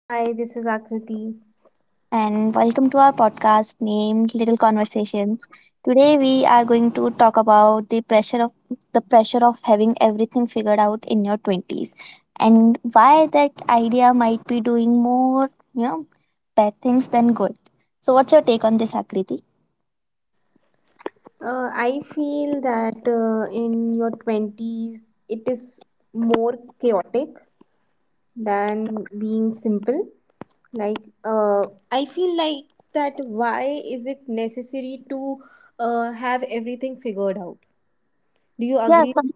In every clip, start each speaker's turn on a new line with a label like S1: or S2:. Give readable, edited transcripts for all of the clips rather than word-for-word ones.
S1: Hi, this is Akriti.
S2: and welcome to our podcast named Little Conversations. Today we are going to talk about the pressure of having everything figured out in your 20s and why that idea might be doing more bad things than good. So what's your take on this, Akriti?
S1: I feel that in your 20s, it is more chaotic than being simple. Like, uh, I feel like that why is it necessary to have everything figured out? Do you
S2: Yeah,
S1: agree?
S2: some,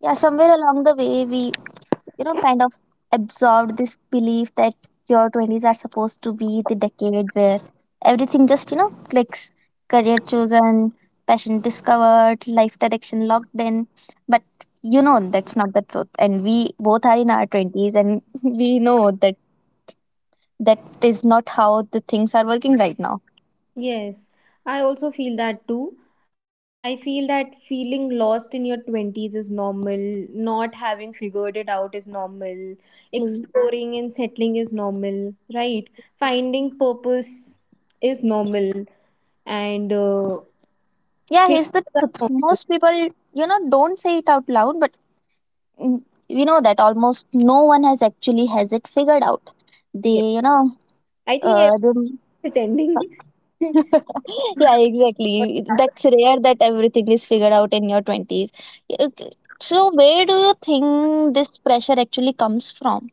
S2: yeah, somewhere along the way we kind of absorbed this belief that your 20s are supposed to be the decade where everything just clicks. Career chosen, passion discovered, life direction locked in. But that's not the truth. And we both are in our 20s and we know that that is not how the things are working right now.
S1: Yes, I also feel that too. I feel that feeling lost in your 20s is normal, not having figured it out is normal,
S2: Please.
S1: exploring and settling is normal, right? Finding purpose is normal, and
S2: Yeah,
S1: failures
S2: here's the
S1: are
S2: truth.
S1: normal.
S2: Most people don't say it out loud, but mm, we know that almost no one has actually has it figured out. They,
S1: Yeah,
S2: you know,
S1: I think every
S2: The,
S1: pretending.
S2: Yeah, exactly. That's rare that everything is figured out in your 20s. Uh, So, where do you think this pressure actually comes from?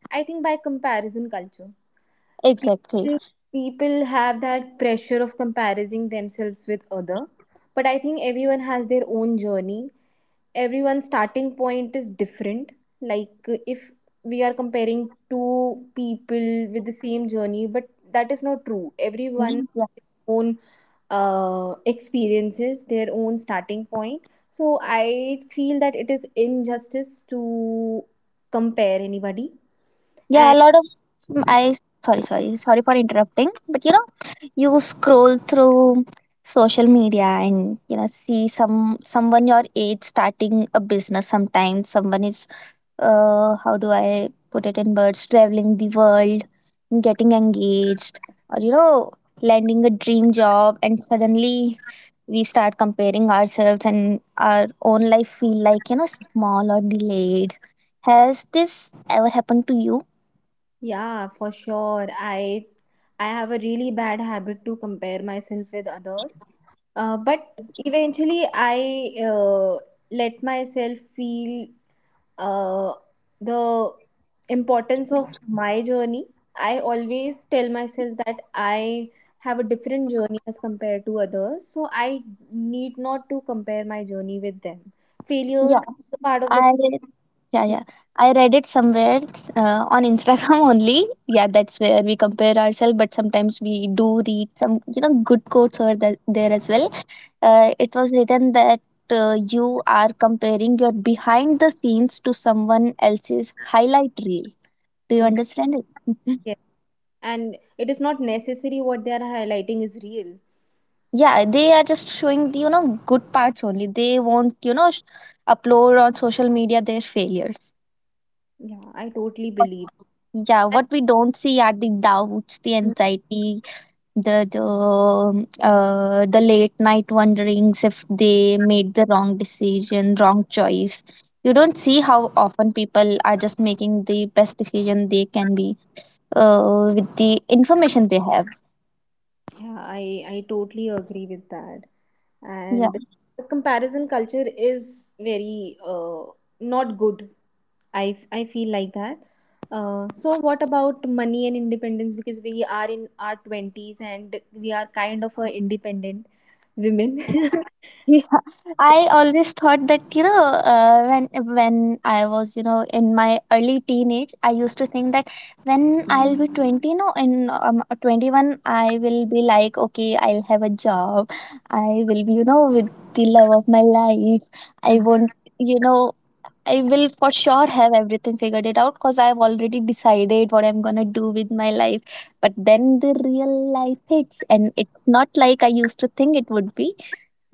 S1: I think by comparison, culture.
S2: Exactly.
S1: Still people have that pressure of comparing themselves with other, but I think everyone has their own journey. Everyone's starting point is different. Like if we are comparing two people with the same journey, but that is not true. Everyone
S2: Mm, yeah.
S1: own experiences, their own starting point. So I feel that it is injustice to compare anybody
S2: Yeah, a
S1: and.
S2: lot of I, sorry, sorry, sorry for interrupting, but you scroll through social media and see someone your age starting a business. Sometimes someone is, how do I put it in words, traveling the world, getting engaged, or landing a dream job, and suddenly we start comparing ourselves and our own life feel like small or delayed. Has this ever happened to you?
S1: Yeah, for sure. I have a really bad habit to compare myself with others. But eventually, I let myself feel uh, the importance of my journey. I always tell myself that I have a different journey as compared to others, so I need not to compare my journey with them. Failures
S2: yeah
S1: are part of
S2: i
S1: the.
S2: read yeah, yeah, I read it somewhere, on Instagram. Only, yeah, that's where we compare ourselves, but sometimes we do read some good quotes over there as well. It was written that, you are comparing your behind the scenes to someone else's highlight reel. Do you understand it? Mhm.
S1: And it is not necessary what they are highlighting is real.
S2: Yeah, they are just showing the good parts only. They won't upload on social media their failures.
S1: Yeah, I totally believe
S2: Yeah,
S1: that.
S2: what we don't see are the doubts, the anxiety, the late night wonderings if they made the wrong decision, wrong choice. You don't see how often people are just making the best decision they can be, with the information they have.
S1: Yeah, I totally agree with that.
S2: Yeah.
S1: And the comparison culture is very not good. I feel like that. So what about money and independence? Because we are in our 20s and we are kind of a independent women.
S2: I always thought that when I was in my early teenage, I used to think that when I'll be 20, no, in 21, I will be like, okay, I'll have a job, I will be with the love of my life, I won't, you know I will for sure have everything figured it out because I've already decided what I'm gonna do with my life. But then the real life hits, and it's not like I used to think it would be.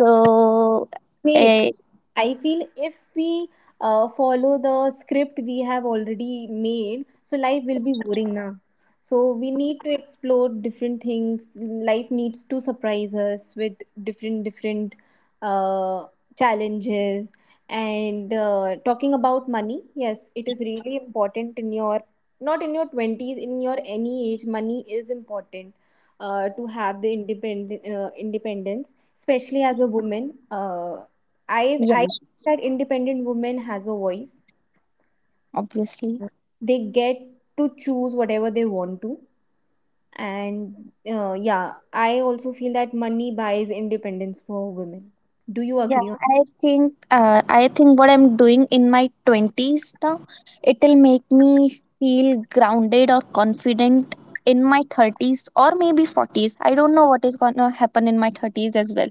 S2: So,
S1: Wait,
S2: uh,
S1: I feel if we follow the script we have already made, so life will be boring now. So we need to explore different things. Life needs to surprise us with different different uh, challenges. And talking about money, yes, it is really important in your, not in your twenties, in your any age, money is important to have the independent independence, especially as a woman.
S2: yeah,
S1: I that independent women has a voice.
S2: obviously.
S1: They get to choose whatever they want to. And yeah, I also feel that money buys independence for women. Do you
S2: Yeah,
S1: agree on
S2: I think uh, I think what I'm doing in my 20s now, it'll make me feel grounded or confident in my 30s or maybe 40s. I don't know what is going to happen in my 30s as well.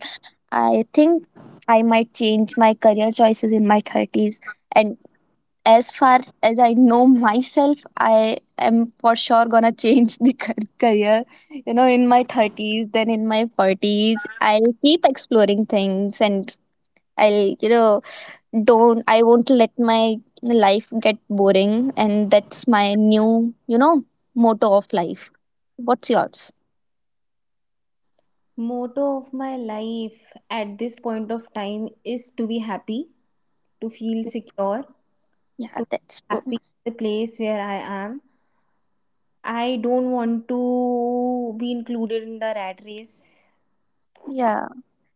S2: I think I might change my career choices in my 30s. And as far as I know myself, I am for sure gonna change the career, in my 30s, then in my 40s. I'll keep exploring things and I'll, don't, I won't let my life get boring. And that's my new motto of life. What's yours?
S1: motto of my life at this point of time is to be happy, to feel secure,
S2: Yeah,
S1: to be
S2: that's
S1: happy
S2: true.
S1: in the place where I am. I don't want to be included in the rat race
S2: Yeah.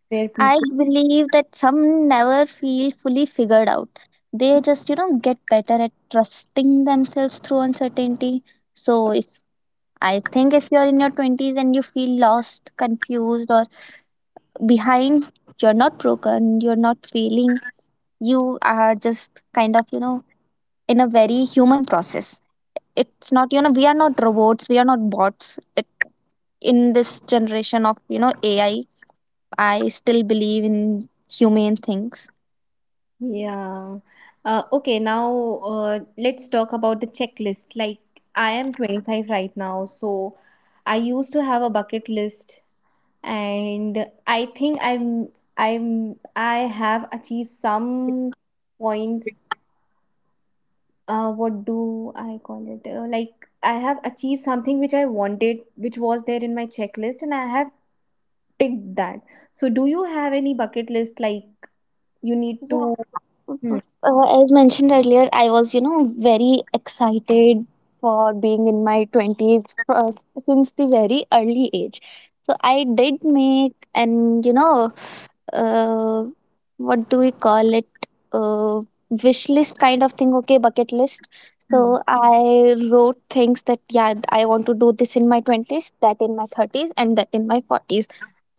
S1: where
S2: I
S1: people.
S2: believe that some never feel fully figured out. They just get better at trusting themselves through uncertainty. So if I think if you're in your 20s and you feel lost, confused, or behind, you're not broken, you're not failing, you are just kind of in a very human process. It's not, we are not robots, we are not bots. It, in this generation of AI, I still believe in humane things.
S1: Yeah. Okay, now let's talk about the checklist. Like, I am 25 right now, so I used to have a bucket list, and I think I have achieved some points. What do I call it? Like, I have achieved something which I wanted, which was there in my checklist, and I have ticked that. So, do you have any bucket list like you need
S2: Yeah.
S1: to. Hmm.
S2: As mentioned earlier, I was very excited for being in my 20s, uh, since the very early age. So I did make an, you know uh, what do we call it, uh, wish list kind of thing, okay, bucket list. So
S1: Hmm.
S2: I wrote things that, yeah, I want to do this in my 20s, that in my 30s, and that in my 40s.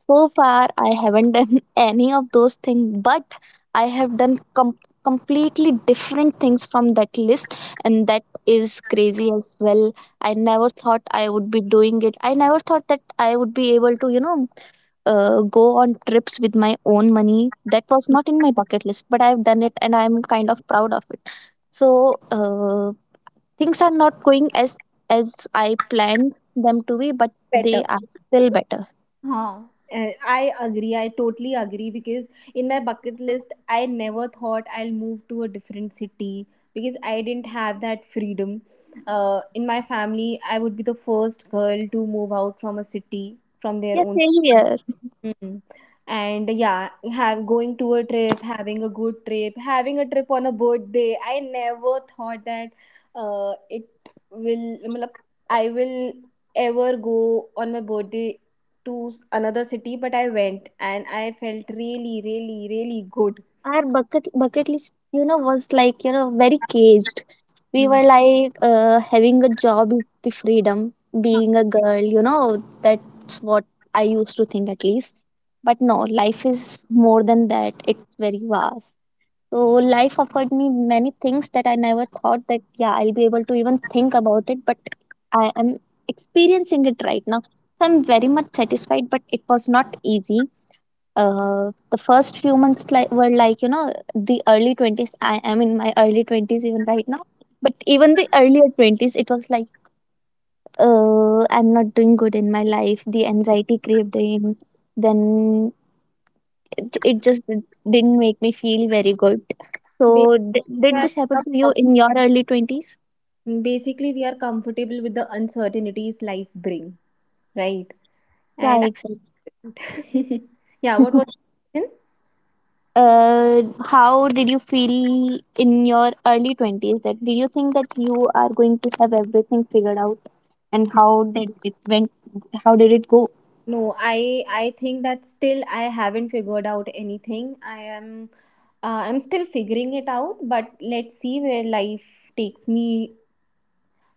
S2: So far I haven't done any of those things, but I have done completely different things from that list. And that is crazy as well. I never thought I would be doing it. I never thought that I would be able to, go on trips with my own money. That was not in my bucket list, but I've done it and I'm kind of proud of it. So, things are not going as I planned them to be, but
S1: Better?
S2: they are still better.
S1: I agree. I totally agree because in my bucket list, I never thought I'll move to a different city because I didn't have that freedom. In my family, I would be the first girl to move out from a city from their
S2: Yeah,
S1: own.
S2: same here.
S1: Mm. And yeah, have going to a trip, having a good trip, having a trip on a birthday. I never thought that it will. मतलब, I will ever go on my birthday to another city, but I went and I felt really, really, really good.
S2: Our bucket list, was like very caged. We
S1: Hmm.
S2: were like, having a job is the freedom.
S1: हाँ,
S2: Being a girl, that's what I used to think at least. But no, life is more than that. It's very vast. So life offered me many things that I never thought that, yeah, I'll be able to even think about it, but I am experiencing it right now. So I'm very much satisfied, but it was not easy. The first few months were the early 20s. I am in my early 20s even right now, but even the earlier twenties, it was like, I'm not doing good in my life. The anxiety craved in. Then it just not make me feel very good.
S1: Basically,
S2: So, did
S1: I
S2: this happen
S1: am
S2: to you in your early 20s?
S1: basically we are comfortable with the uncertainties life bring, right?
S2: Yeah,
S1: And
S2: exactly.
S1: yeah, what was the question?
S2: How did you feel in your early 20s? That did you think that you are going to have everything figured out and how did it go?
S1: No, I think that still I haven't figured out anything. I'm still figuring it out, but let's see where life takes me.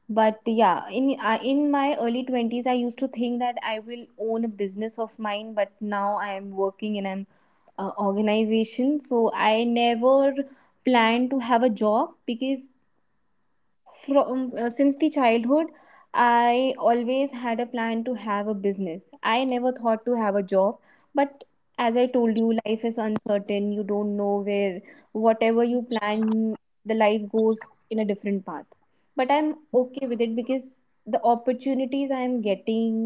S1: But yeah, in my early 20s I used to think that I will own a business of mine, but now I am working in an organization, so I never plan to have a job because from since the childhood I always had a plan to have a business. I never thought to have a job, but as I told you, life is uncertain. You don't know where, whatever you plan, the life goes in a different path. But I'm okay with it because the opportunities I am getting,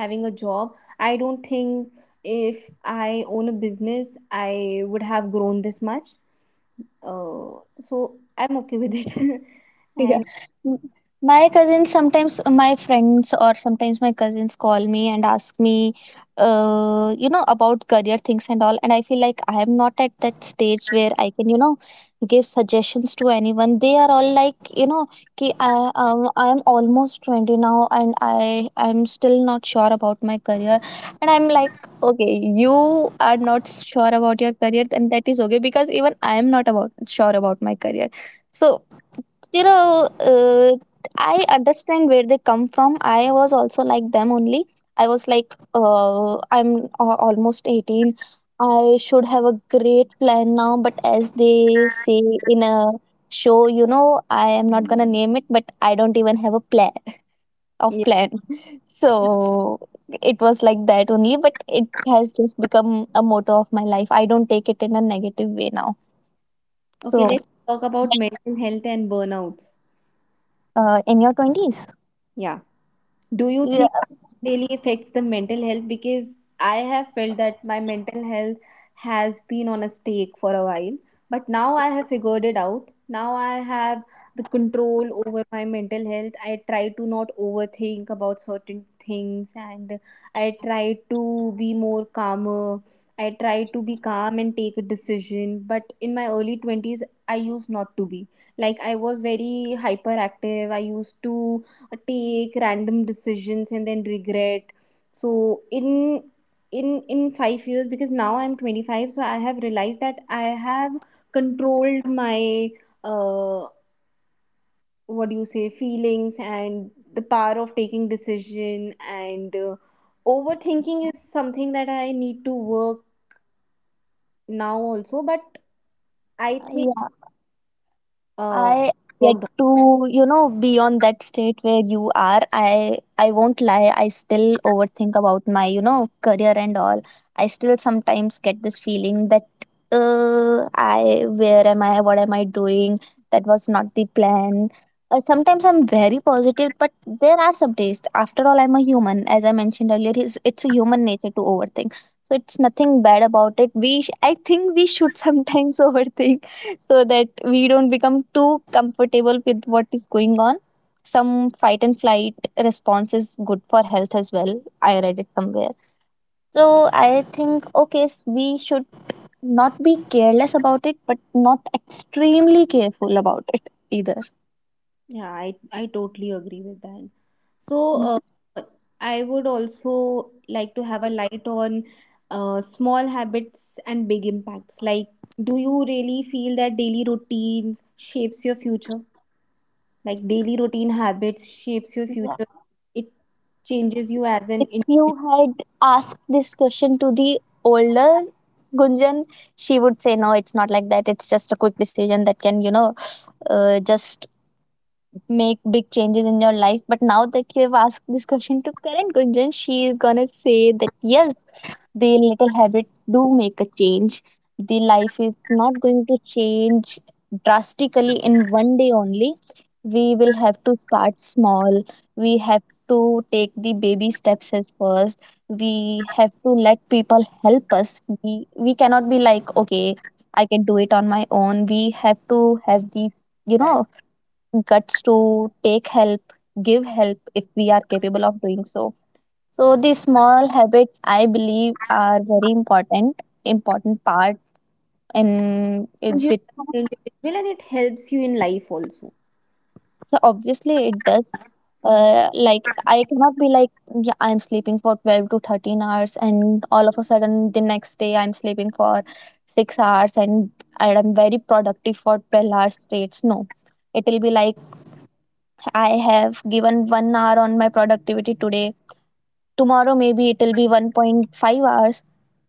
S1: having a job, I don't think if I own a business I would have grown this much. uh, so I'm okay with it.
S2: Yeah.
S1: And
S2: M- My cousins, sometimes my friends, or sometimes my cousins call me and ask me, about career things and all, and I feel like I am not at that stage where I can give suggestions to anyone. They are all like, ki, I am almost 20 now and I'm still not sure about my career. And I'm like, okay, you are not sure about your career, then that is okay because even I am not about sure about my career. So, you know, uh, I understand where they come from. I was also like them only. I was like, I'm almost 18. I should have a great plan now, but as they say in a show, you know, I am not gonna name it, but I don't even have a plan of plan. So it was like that only, but it has just become a motto of my life. I don't take it in a negative way now.
S1: okay,
S2: So,
S1: let's talk about mental health and burnouts.
S2: in your 20s?
S1: Yeah. Do you
S2: Yeah,
S1: think it really affects the mental health? Because I have felt that my mental health has been on a stake for a while, but now I have figured it out. Now I have the control over my mental health. I try to not overthink about certain things and I try to be more calmer. I try to be calm and take a decision, but in my early 20s, I used not to be. Like, I was very hyperactive. I used to take random decisions and then regret. So in 5 years, because now I'm 25, so I have realized that I have controlled my uh what do you say feelings and the power of taking decision and overthinking is something that I need to work now also. But I think
S2: yeah.
S1: uh
S2: I get
S1: worked.
S2: to be on that state where you are. I won't lie, I still overthink about my career and all. I still sometimes get this feeling that I, where am I? What am I doing? That was not the plan. Sometimes I'm very positive, but there are some days. After all, I'm a human. As I mentioned earlier, it's a human nature to overthink. So it's nothing bad about it. I think we should sometimes overthink so that we don't become too comfortable with what is going on. Some fight and flight response is good for health as well. I read it somewhere. So I think, okay, we should not be careless about it, but not extremely careful about it either.
S1: Yeah, I totally agree with that. So, uh, I would also like to have a light on small habits and big impacts. Like, do you really feel that daily routines shapes your future? Like, daily routine habits shapes your
S2: Yeah.
S1: future. It changes you as an
S2: If
S1: individual,
S2: you had asked this question to the older Gunjan, she would say, no, it's not like that. It's just a quick decision that can just make big changes in your life. But now that you have asked this question to Karan Gunjan, she is gonna say that yes, the little habits do make a change. The life is not going to change drastically in one day only. We will have to start small. We have to take the baby steps as first. We have to let people help us. We cannot be like, okay, I can do it on my own. We have to have the you know guts to take help, give help if we are capable of doing so. So these small habits, I believe, are very important, important part. And it,
S1: changes
S2: it
S1: you as an individual, and it helps you in life also.
S2: obviously it does.
S1: Hmm.
S2: Like I cannot be like, yeah, I'm sleeping for 12 to 13 hours, and all of a sudden the next day I'm sleeping for 6 hours, and I'm very productive for 12 hours straight. No, it will be like I have given 1 hour on my productivity today, tomorrow maybe it will be 1.5 hours,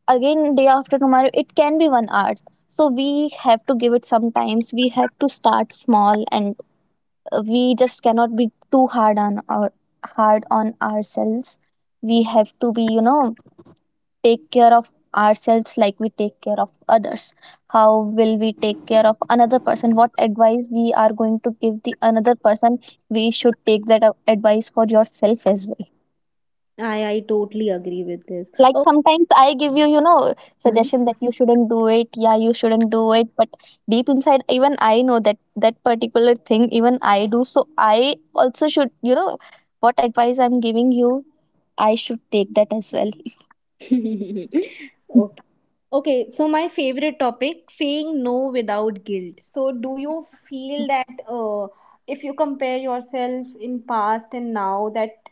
S2: again day after tomorrow it can be 1 hour. So we have to give it, sometimes we have to start small, and we just cannot be too hard on our hard on ourselves. We have to be, you know, take care of ourselves like we take care of others. How will we take care of another person, what advice we are going to give the another person? We should take that advice for yourself as well.
S1: I totally agree with this.
S2: Like
S1: Oh.
S2: sometimes I give you you know
S1: Hmm.
S2: suggestion that you shouldn't do it, yeah you shouldn't do it, but deep inside even I know that that particular thing even I do, so I also should, you know, what advice I'm giving you, I should take that as well.
S1: Okay. Okay, so my favorite topic, saying no without guilt. So do you feel that if you compare yourself in past and now that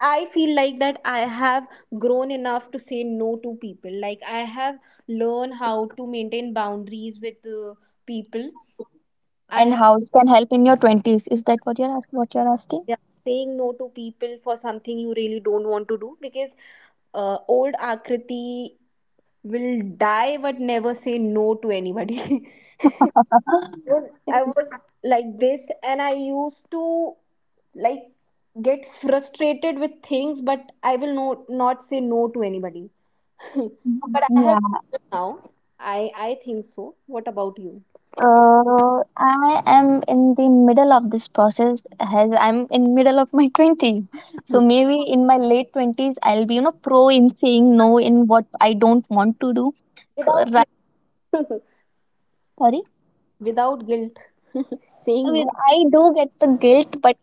S1: I feel like that I have grown enough to say no to people. Like I have learned how to maintain boundaries with people. I
S2: And
S1: have.
S2: how it can help in your 20s, is that what you're asking?
S1: Yeah, saying no to people for something you really don't want to do because old Akriti will die but never say no to anybody. was I was like this, and I used to like get frustrated with things, but I will no, not say no to anybody. But I have
S2: Yeah.
S1: now. I think so. What about you?
S2: I am in the middle of this process as I'm in middle of my 20s. So maybe in my late 20s I'll be, you know, pro in saying no in what I don't want to do. So
S1: Without
S2: right,
S1: guilt.
S2: sorry.
S1: Without guilt,
S2: I
S1: saying
S2: mean
S1: no.
S2: I do get the guilt, but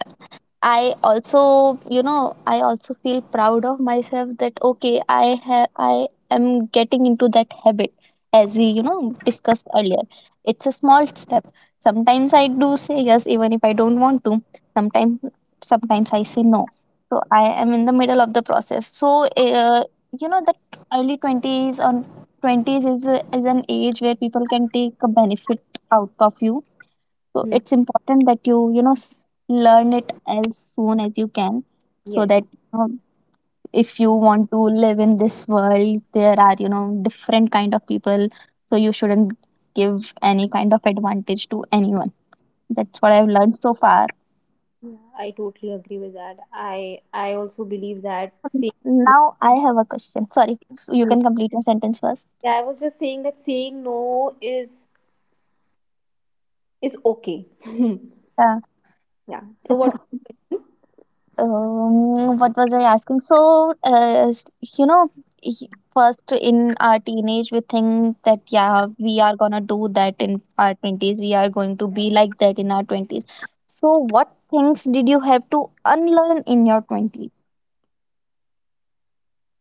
S2: I also, you know, I also feel proud of myself that okay, I am getting into that habit, as we, you know, discussed earlier. It's a small step. Sometimes I do say yes, even if I don't want to. Sometimes, sometimes I say no. So I am in the middle of the process. So, you know, that early 20s or twenties is is an age where people can take a benefit out of you, so
S1: Hmm.
S2: it's important that you know, learn it as soon as you can, so
S1: Yes,
S2: that you know, if you want to live in this world, there are, you know, different kind of people. So you shouldn't give any kind of advantage to anyone. That's what I've learned so far.
S1: yeah, I totally agree with that. I also believe that saying,
S2: Now I have a question. Sorry, you can complete your sentence first.
S1: yeah, I was just saying that saying no is is okay.
S2: Yeah.
S1: Yeah. So what?
S2: What was I asking? So, you know, y- first in our teenage, we think that yeah, we are gonna do that in our 20s, we are going to be like that in our 20s. So, what things did you have to unlearn in your 20s?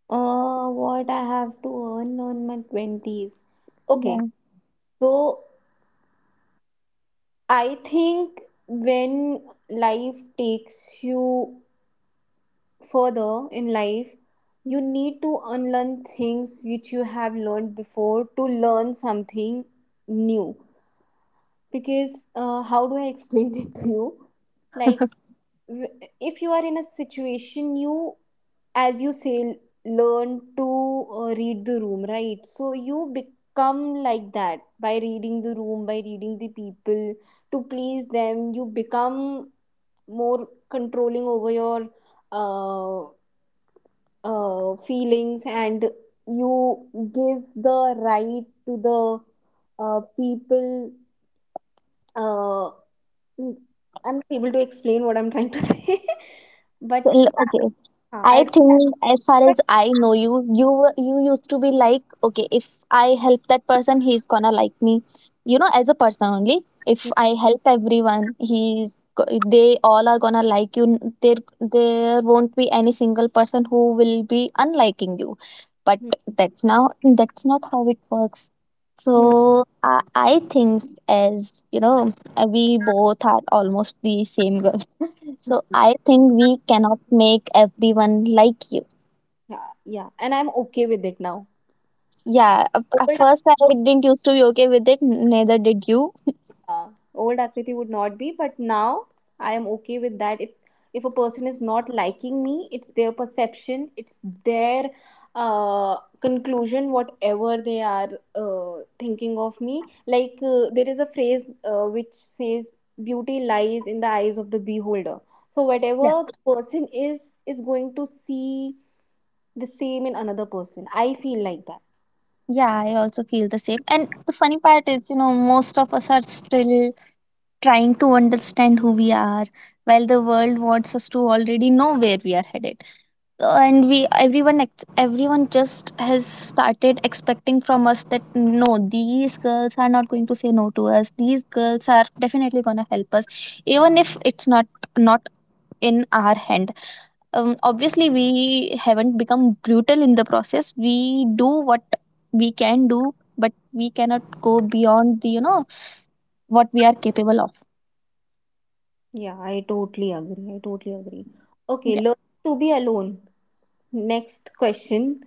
S1: What I have to earn on my 20s. Okay,
S2: Yeah.
S1: so I think when life takes you further in life, you need to unlearn things which you have learned before to learn something new. Because, how do I explain it to you? Like, if you are in a situation, you as you say learn to read the room, right? So you become like that by reading the room, by reading the people to please them. You become more controlling over your uh, feelings and you give the right to the people. uh, I'm not able to explain what I'm trying to say,
S2: So,
S1: but yeah.
S2: okay. I
S1: I don't.
S2: think as far as I know you, you used to be like, okay, if I help that person, he's gonna like me. You know, as a person only. If I help everyone, they all are gonna like you. There won't be any single person who will be unliking you. But
S1: Mhm.
S2: that's not how it works. So
S1: Mhm.
S2: I think as you know, we both are almost the same girl. So I think we cannot make everyone like you.
S1: Yeah, yeah, and I'm okay with it now.
S2: Yeah, at
S1: Old,
S2: first I didn't used to be okay with it, neither did you.
S1: yeah, old Akriti would not be, but now I am okay with that. If a person is not liking me, it's their perception, it's their conclusion, whatever they are thinking of me. Like, there is a phrase which says, "Beauty lies in the eyes of the beholder." So whatever
S2: Yeah.
S1: person is going to see the same in another person. I feel like that.
S2: Yeah, I also feel the same. And the funny part is, you know, most of us are still trying to understand who we are, while the world wants us to already know where we are headed. And we, everyone just has started expecting from us that no, these girls are not going to say no to us, these girls are definitely going to help us, even if it's not not in our hand. Obviously, we haven't become brutal in the process, we do what we can do, but we cannot go beyond the, you know, what we are capable of.
S1: Yeah, I totally agree. I totally agree. Okay,
S2: Yeah.
S1: learn to be alone. Next question,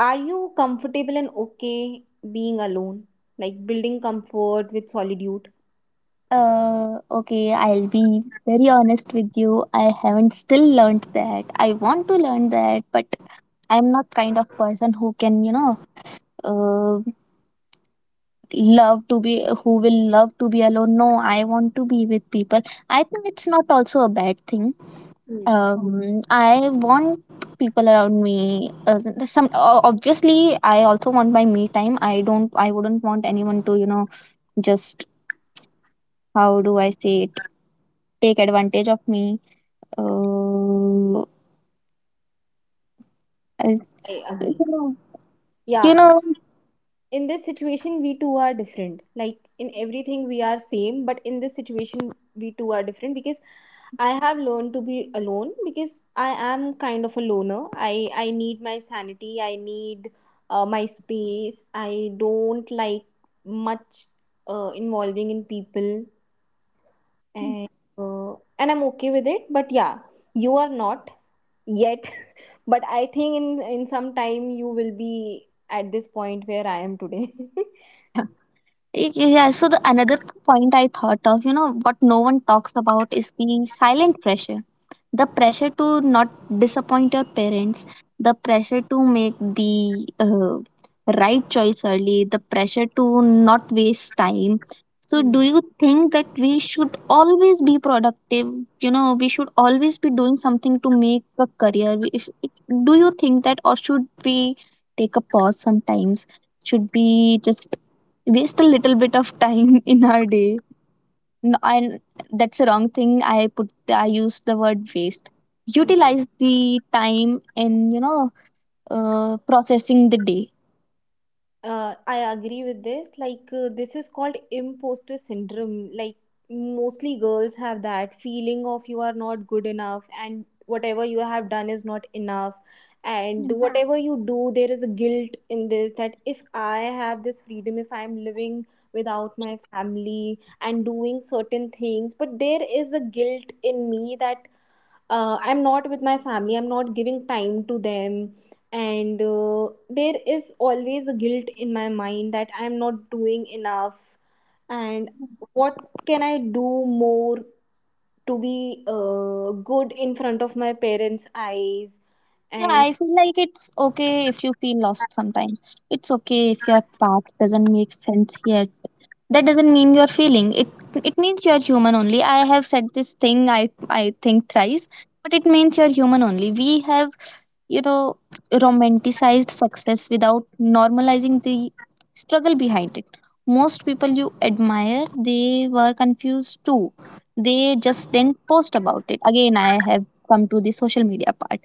S1: are you comfortable and okay being alone? Like building comfort with solitude?
S2: Okay, I'll be very honest with you. I haven't still learned that. I want to learn that, but I'm not kind of person who can, you know, uh, love to be, alone. No, I want to be with people. I think it's not also a bad thing.
S1: Hmm.
S2: I want people around me. Obviously, I also want my me time. I don't. I wouldn't want anyone to, you know, just, how do I say it, take advantage of me. Uh, I,
S1: I
S2: you
S1: agree.
S2: know,
S1: Yeah,
S2: you know,
S1: in this situation, we two are different. Like in everything, we are same, but in this situation, we two are different because I have learned to be alone because I am kind of a loner. I need my sanity, I need my space. I don't like much involving in people and uh, and I'm okay with it. But yeah, you are not yet. But I think in some time you will be at this point where I am today.
S2: Y- Yeah, so the another point I thought of, you know, what no one talks about is the silent pressure. The pressure to not disappoint your parents, the pressure to make the right choice early, the pressure to not waste time. So,
S1: Hmm.
S2: do you think that we should always be productive? You know, we should always be doing something to make a career. We, if, Do you think that, or should we take a pause sometimes? Should we just waste a little bit of time in our day. No, and that's a wrong thing. I used the word waste. Utilize the time in, you know, processing the day.
S1: Uh, I agree with this. Like, this is called imposter syndrome. Like, mostly girls have that feeling of you are not good enough, and whatever you have done is not enough. And yeah. Whatever you do, there is a guilt in this that if I have this freedom, if I'm living without my family and doing certain things, but there is a guilt in me that I'm not with my family, I'm not giving time to them, and there is always a guilt in my mind that I'm not doing enough. And what can I do more to be good in front of my parents' eyes?
S2: Yeah,
S1: And
S2: I feel like it's okay if you feel lost sometimes. It's okay if your path doesn't make sense yet. That doesn't mean you're failing. It means you're human only. I have said this thing I think thrice, but it means you're human only. We have, you know, romanticized success without normalizing the struggle behind it. Most people you admire, they were confused too. They just didn't post about it. Again, I have come to the social media part.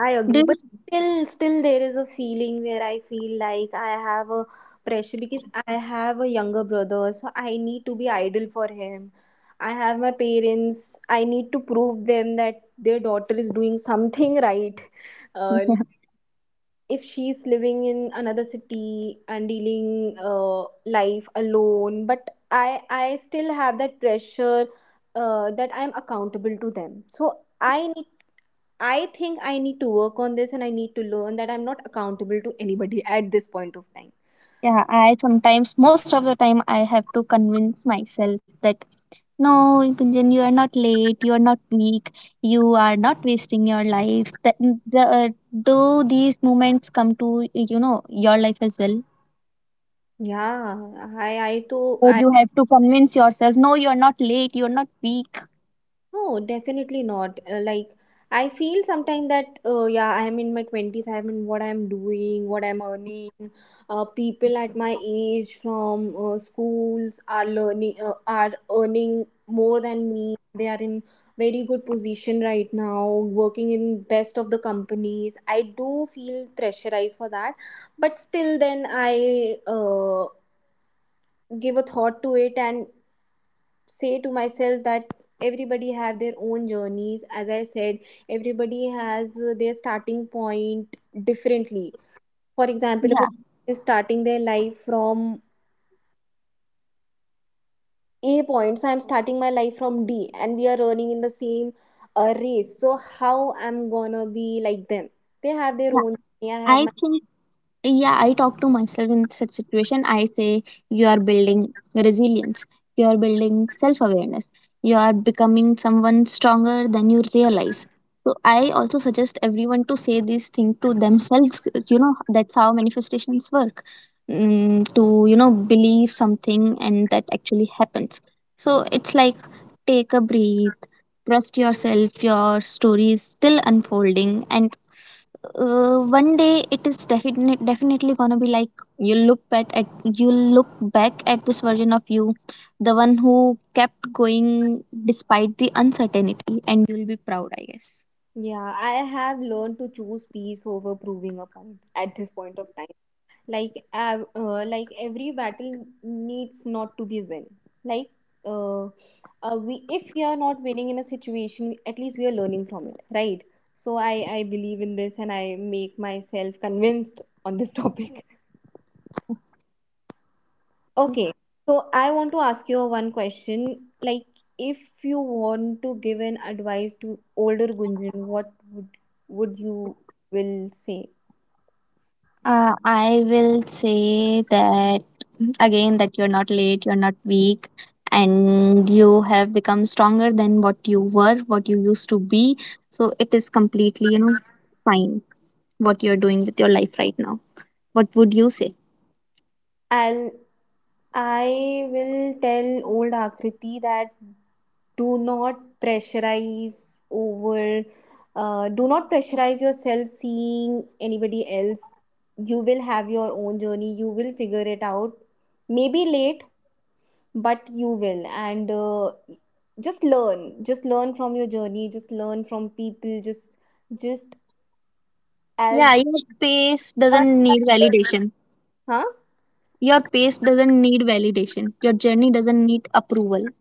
S1: I
S2: Do
S1: agree, but
S2: you,
S1: still there is a feeling where I feel like I have a pressure because I have a younger brother, so I need to be idol for him. I have my parents. I need to prove them that their daughter is doing something right. Uh,
S2: yeah,
S1: if she's living in another city and dealing life alone, but I still have that pressure that I'm accountable to them. So I think I need to work on this and I need to learn that I'm not accountable to anybody at this point of time.
S2: yeah, I sometimes, most of the time, I have to convince myself that no, Gunjan, you are not late, you are not weak, you are not wasting your life. Do these moments come to, you know, your life as well?
S1: Yeah, I to
S2: Or
S1: I
S2: you have to convince yourself, no, you're not late, you're not weak.
S1: no, definitely not. I feel sometimes that, yeah, I'm in my 20s, I'm in what I'm doing, what I'm earning. People at my age from schools are learning, are earning more than me. They are in very good position right now, working in best of the companies. I do feel pressurized for that, but still, then I give a thought to it and say to myself that everybody have their own journeys. As I said, everybody has their starting point differently. For example, if a
S2: Yeah,
S1: person is starting their life from a point, so I'm starting my life from D and we are running in the same race, so how I'm gonna be like them? They have their
S2: yeah.
S1: own journey, I have
S2: I
S1: my.
S2: think, yeah, I talk to myself in such situation, I say you are building resilience, you are building self awareness, you are becoming someone stronger than you realize. So I also suggest everyone to say this thing to themselves, you know, that's how manifestations work. To, you know, believe something and that actually happens. So it's like, take a breath, trust yourself, your story is still unfolding, and one day it is definitely gonna be like, you'll look at you'll look back at this version of you, the one who kept going despite the
S1: Yeah, I have learned to choose peace over proving a point at this point of time. Like like every battle needs not to be win. Like uh, we, if we are not winning in a situation, at least we are learning from it, right? So I believe in this and I make myself convinced on this topic. Okay, so I want to ask you one question. Like, if you want to give an advice to older Gunjan, what would you will say?
S3: I will say that again that you're not late, you're not weak, and you have become stronger than what you were, what you used to be. So it is completely fine what you're doing with your life right now. What would you say?
S1: I'll, I will tell old Akriti that do not pressurize over, do not pressurize yourself seeing anybody else. You will have your own journey, you will figure it out, maybe late, but you will. And just learn from your journey, just learn from people, just
S3: Yeah,
S1: as
S3: your pace doesn't need validation.
S1: huh.
S3: Your pace doesn't need validation. Your journey doesn't need approval.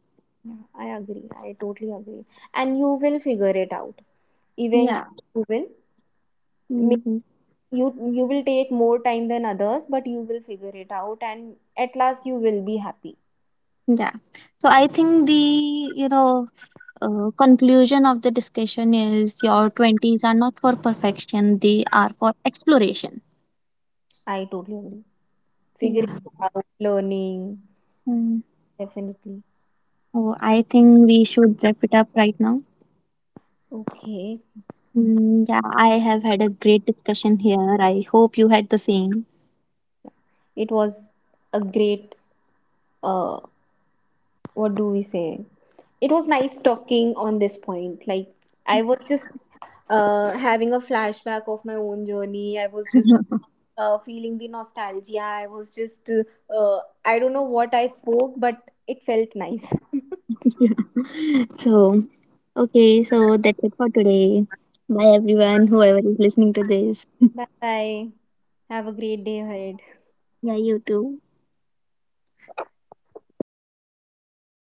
S1: Yeah, I agree, I totally agree. And you will figure it out
S3: Yeah.
S1: eventually. You will.
S3: hmm
S1: you you will take more time than others, but you will figure it out and at last you will be happy.
S3: Yeah. So I think the, you know, conclusion of the discussion is your 20s are not for perfection, they are for exploration.
S1: I totally agree.
S3: Yeah.
S1: Figuring out, learning,
S3: Mm.
S1: definitely.
S3: Oh, I think we should wrap it up right now.
S1: Okay.
S3: Mm, yeah, I have had a great discussion here. I hope you had the same.
S1: It was a great uh what do we say, it was nice talking on this point. Like, I was just having a flashback of my own journey. I was just feeling the nostalgia. I was just I don't know what I spoke, but it felt nice.
S3: so, okay, so that's it for today. Bye, everyone, whoever is listening to this.
S1: Bye, bye. Have a great day ahead.
S3: Yeah, you too.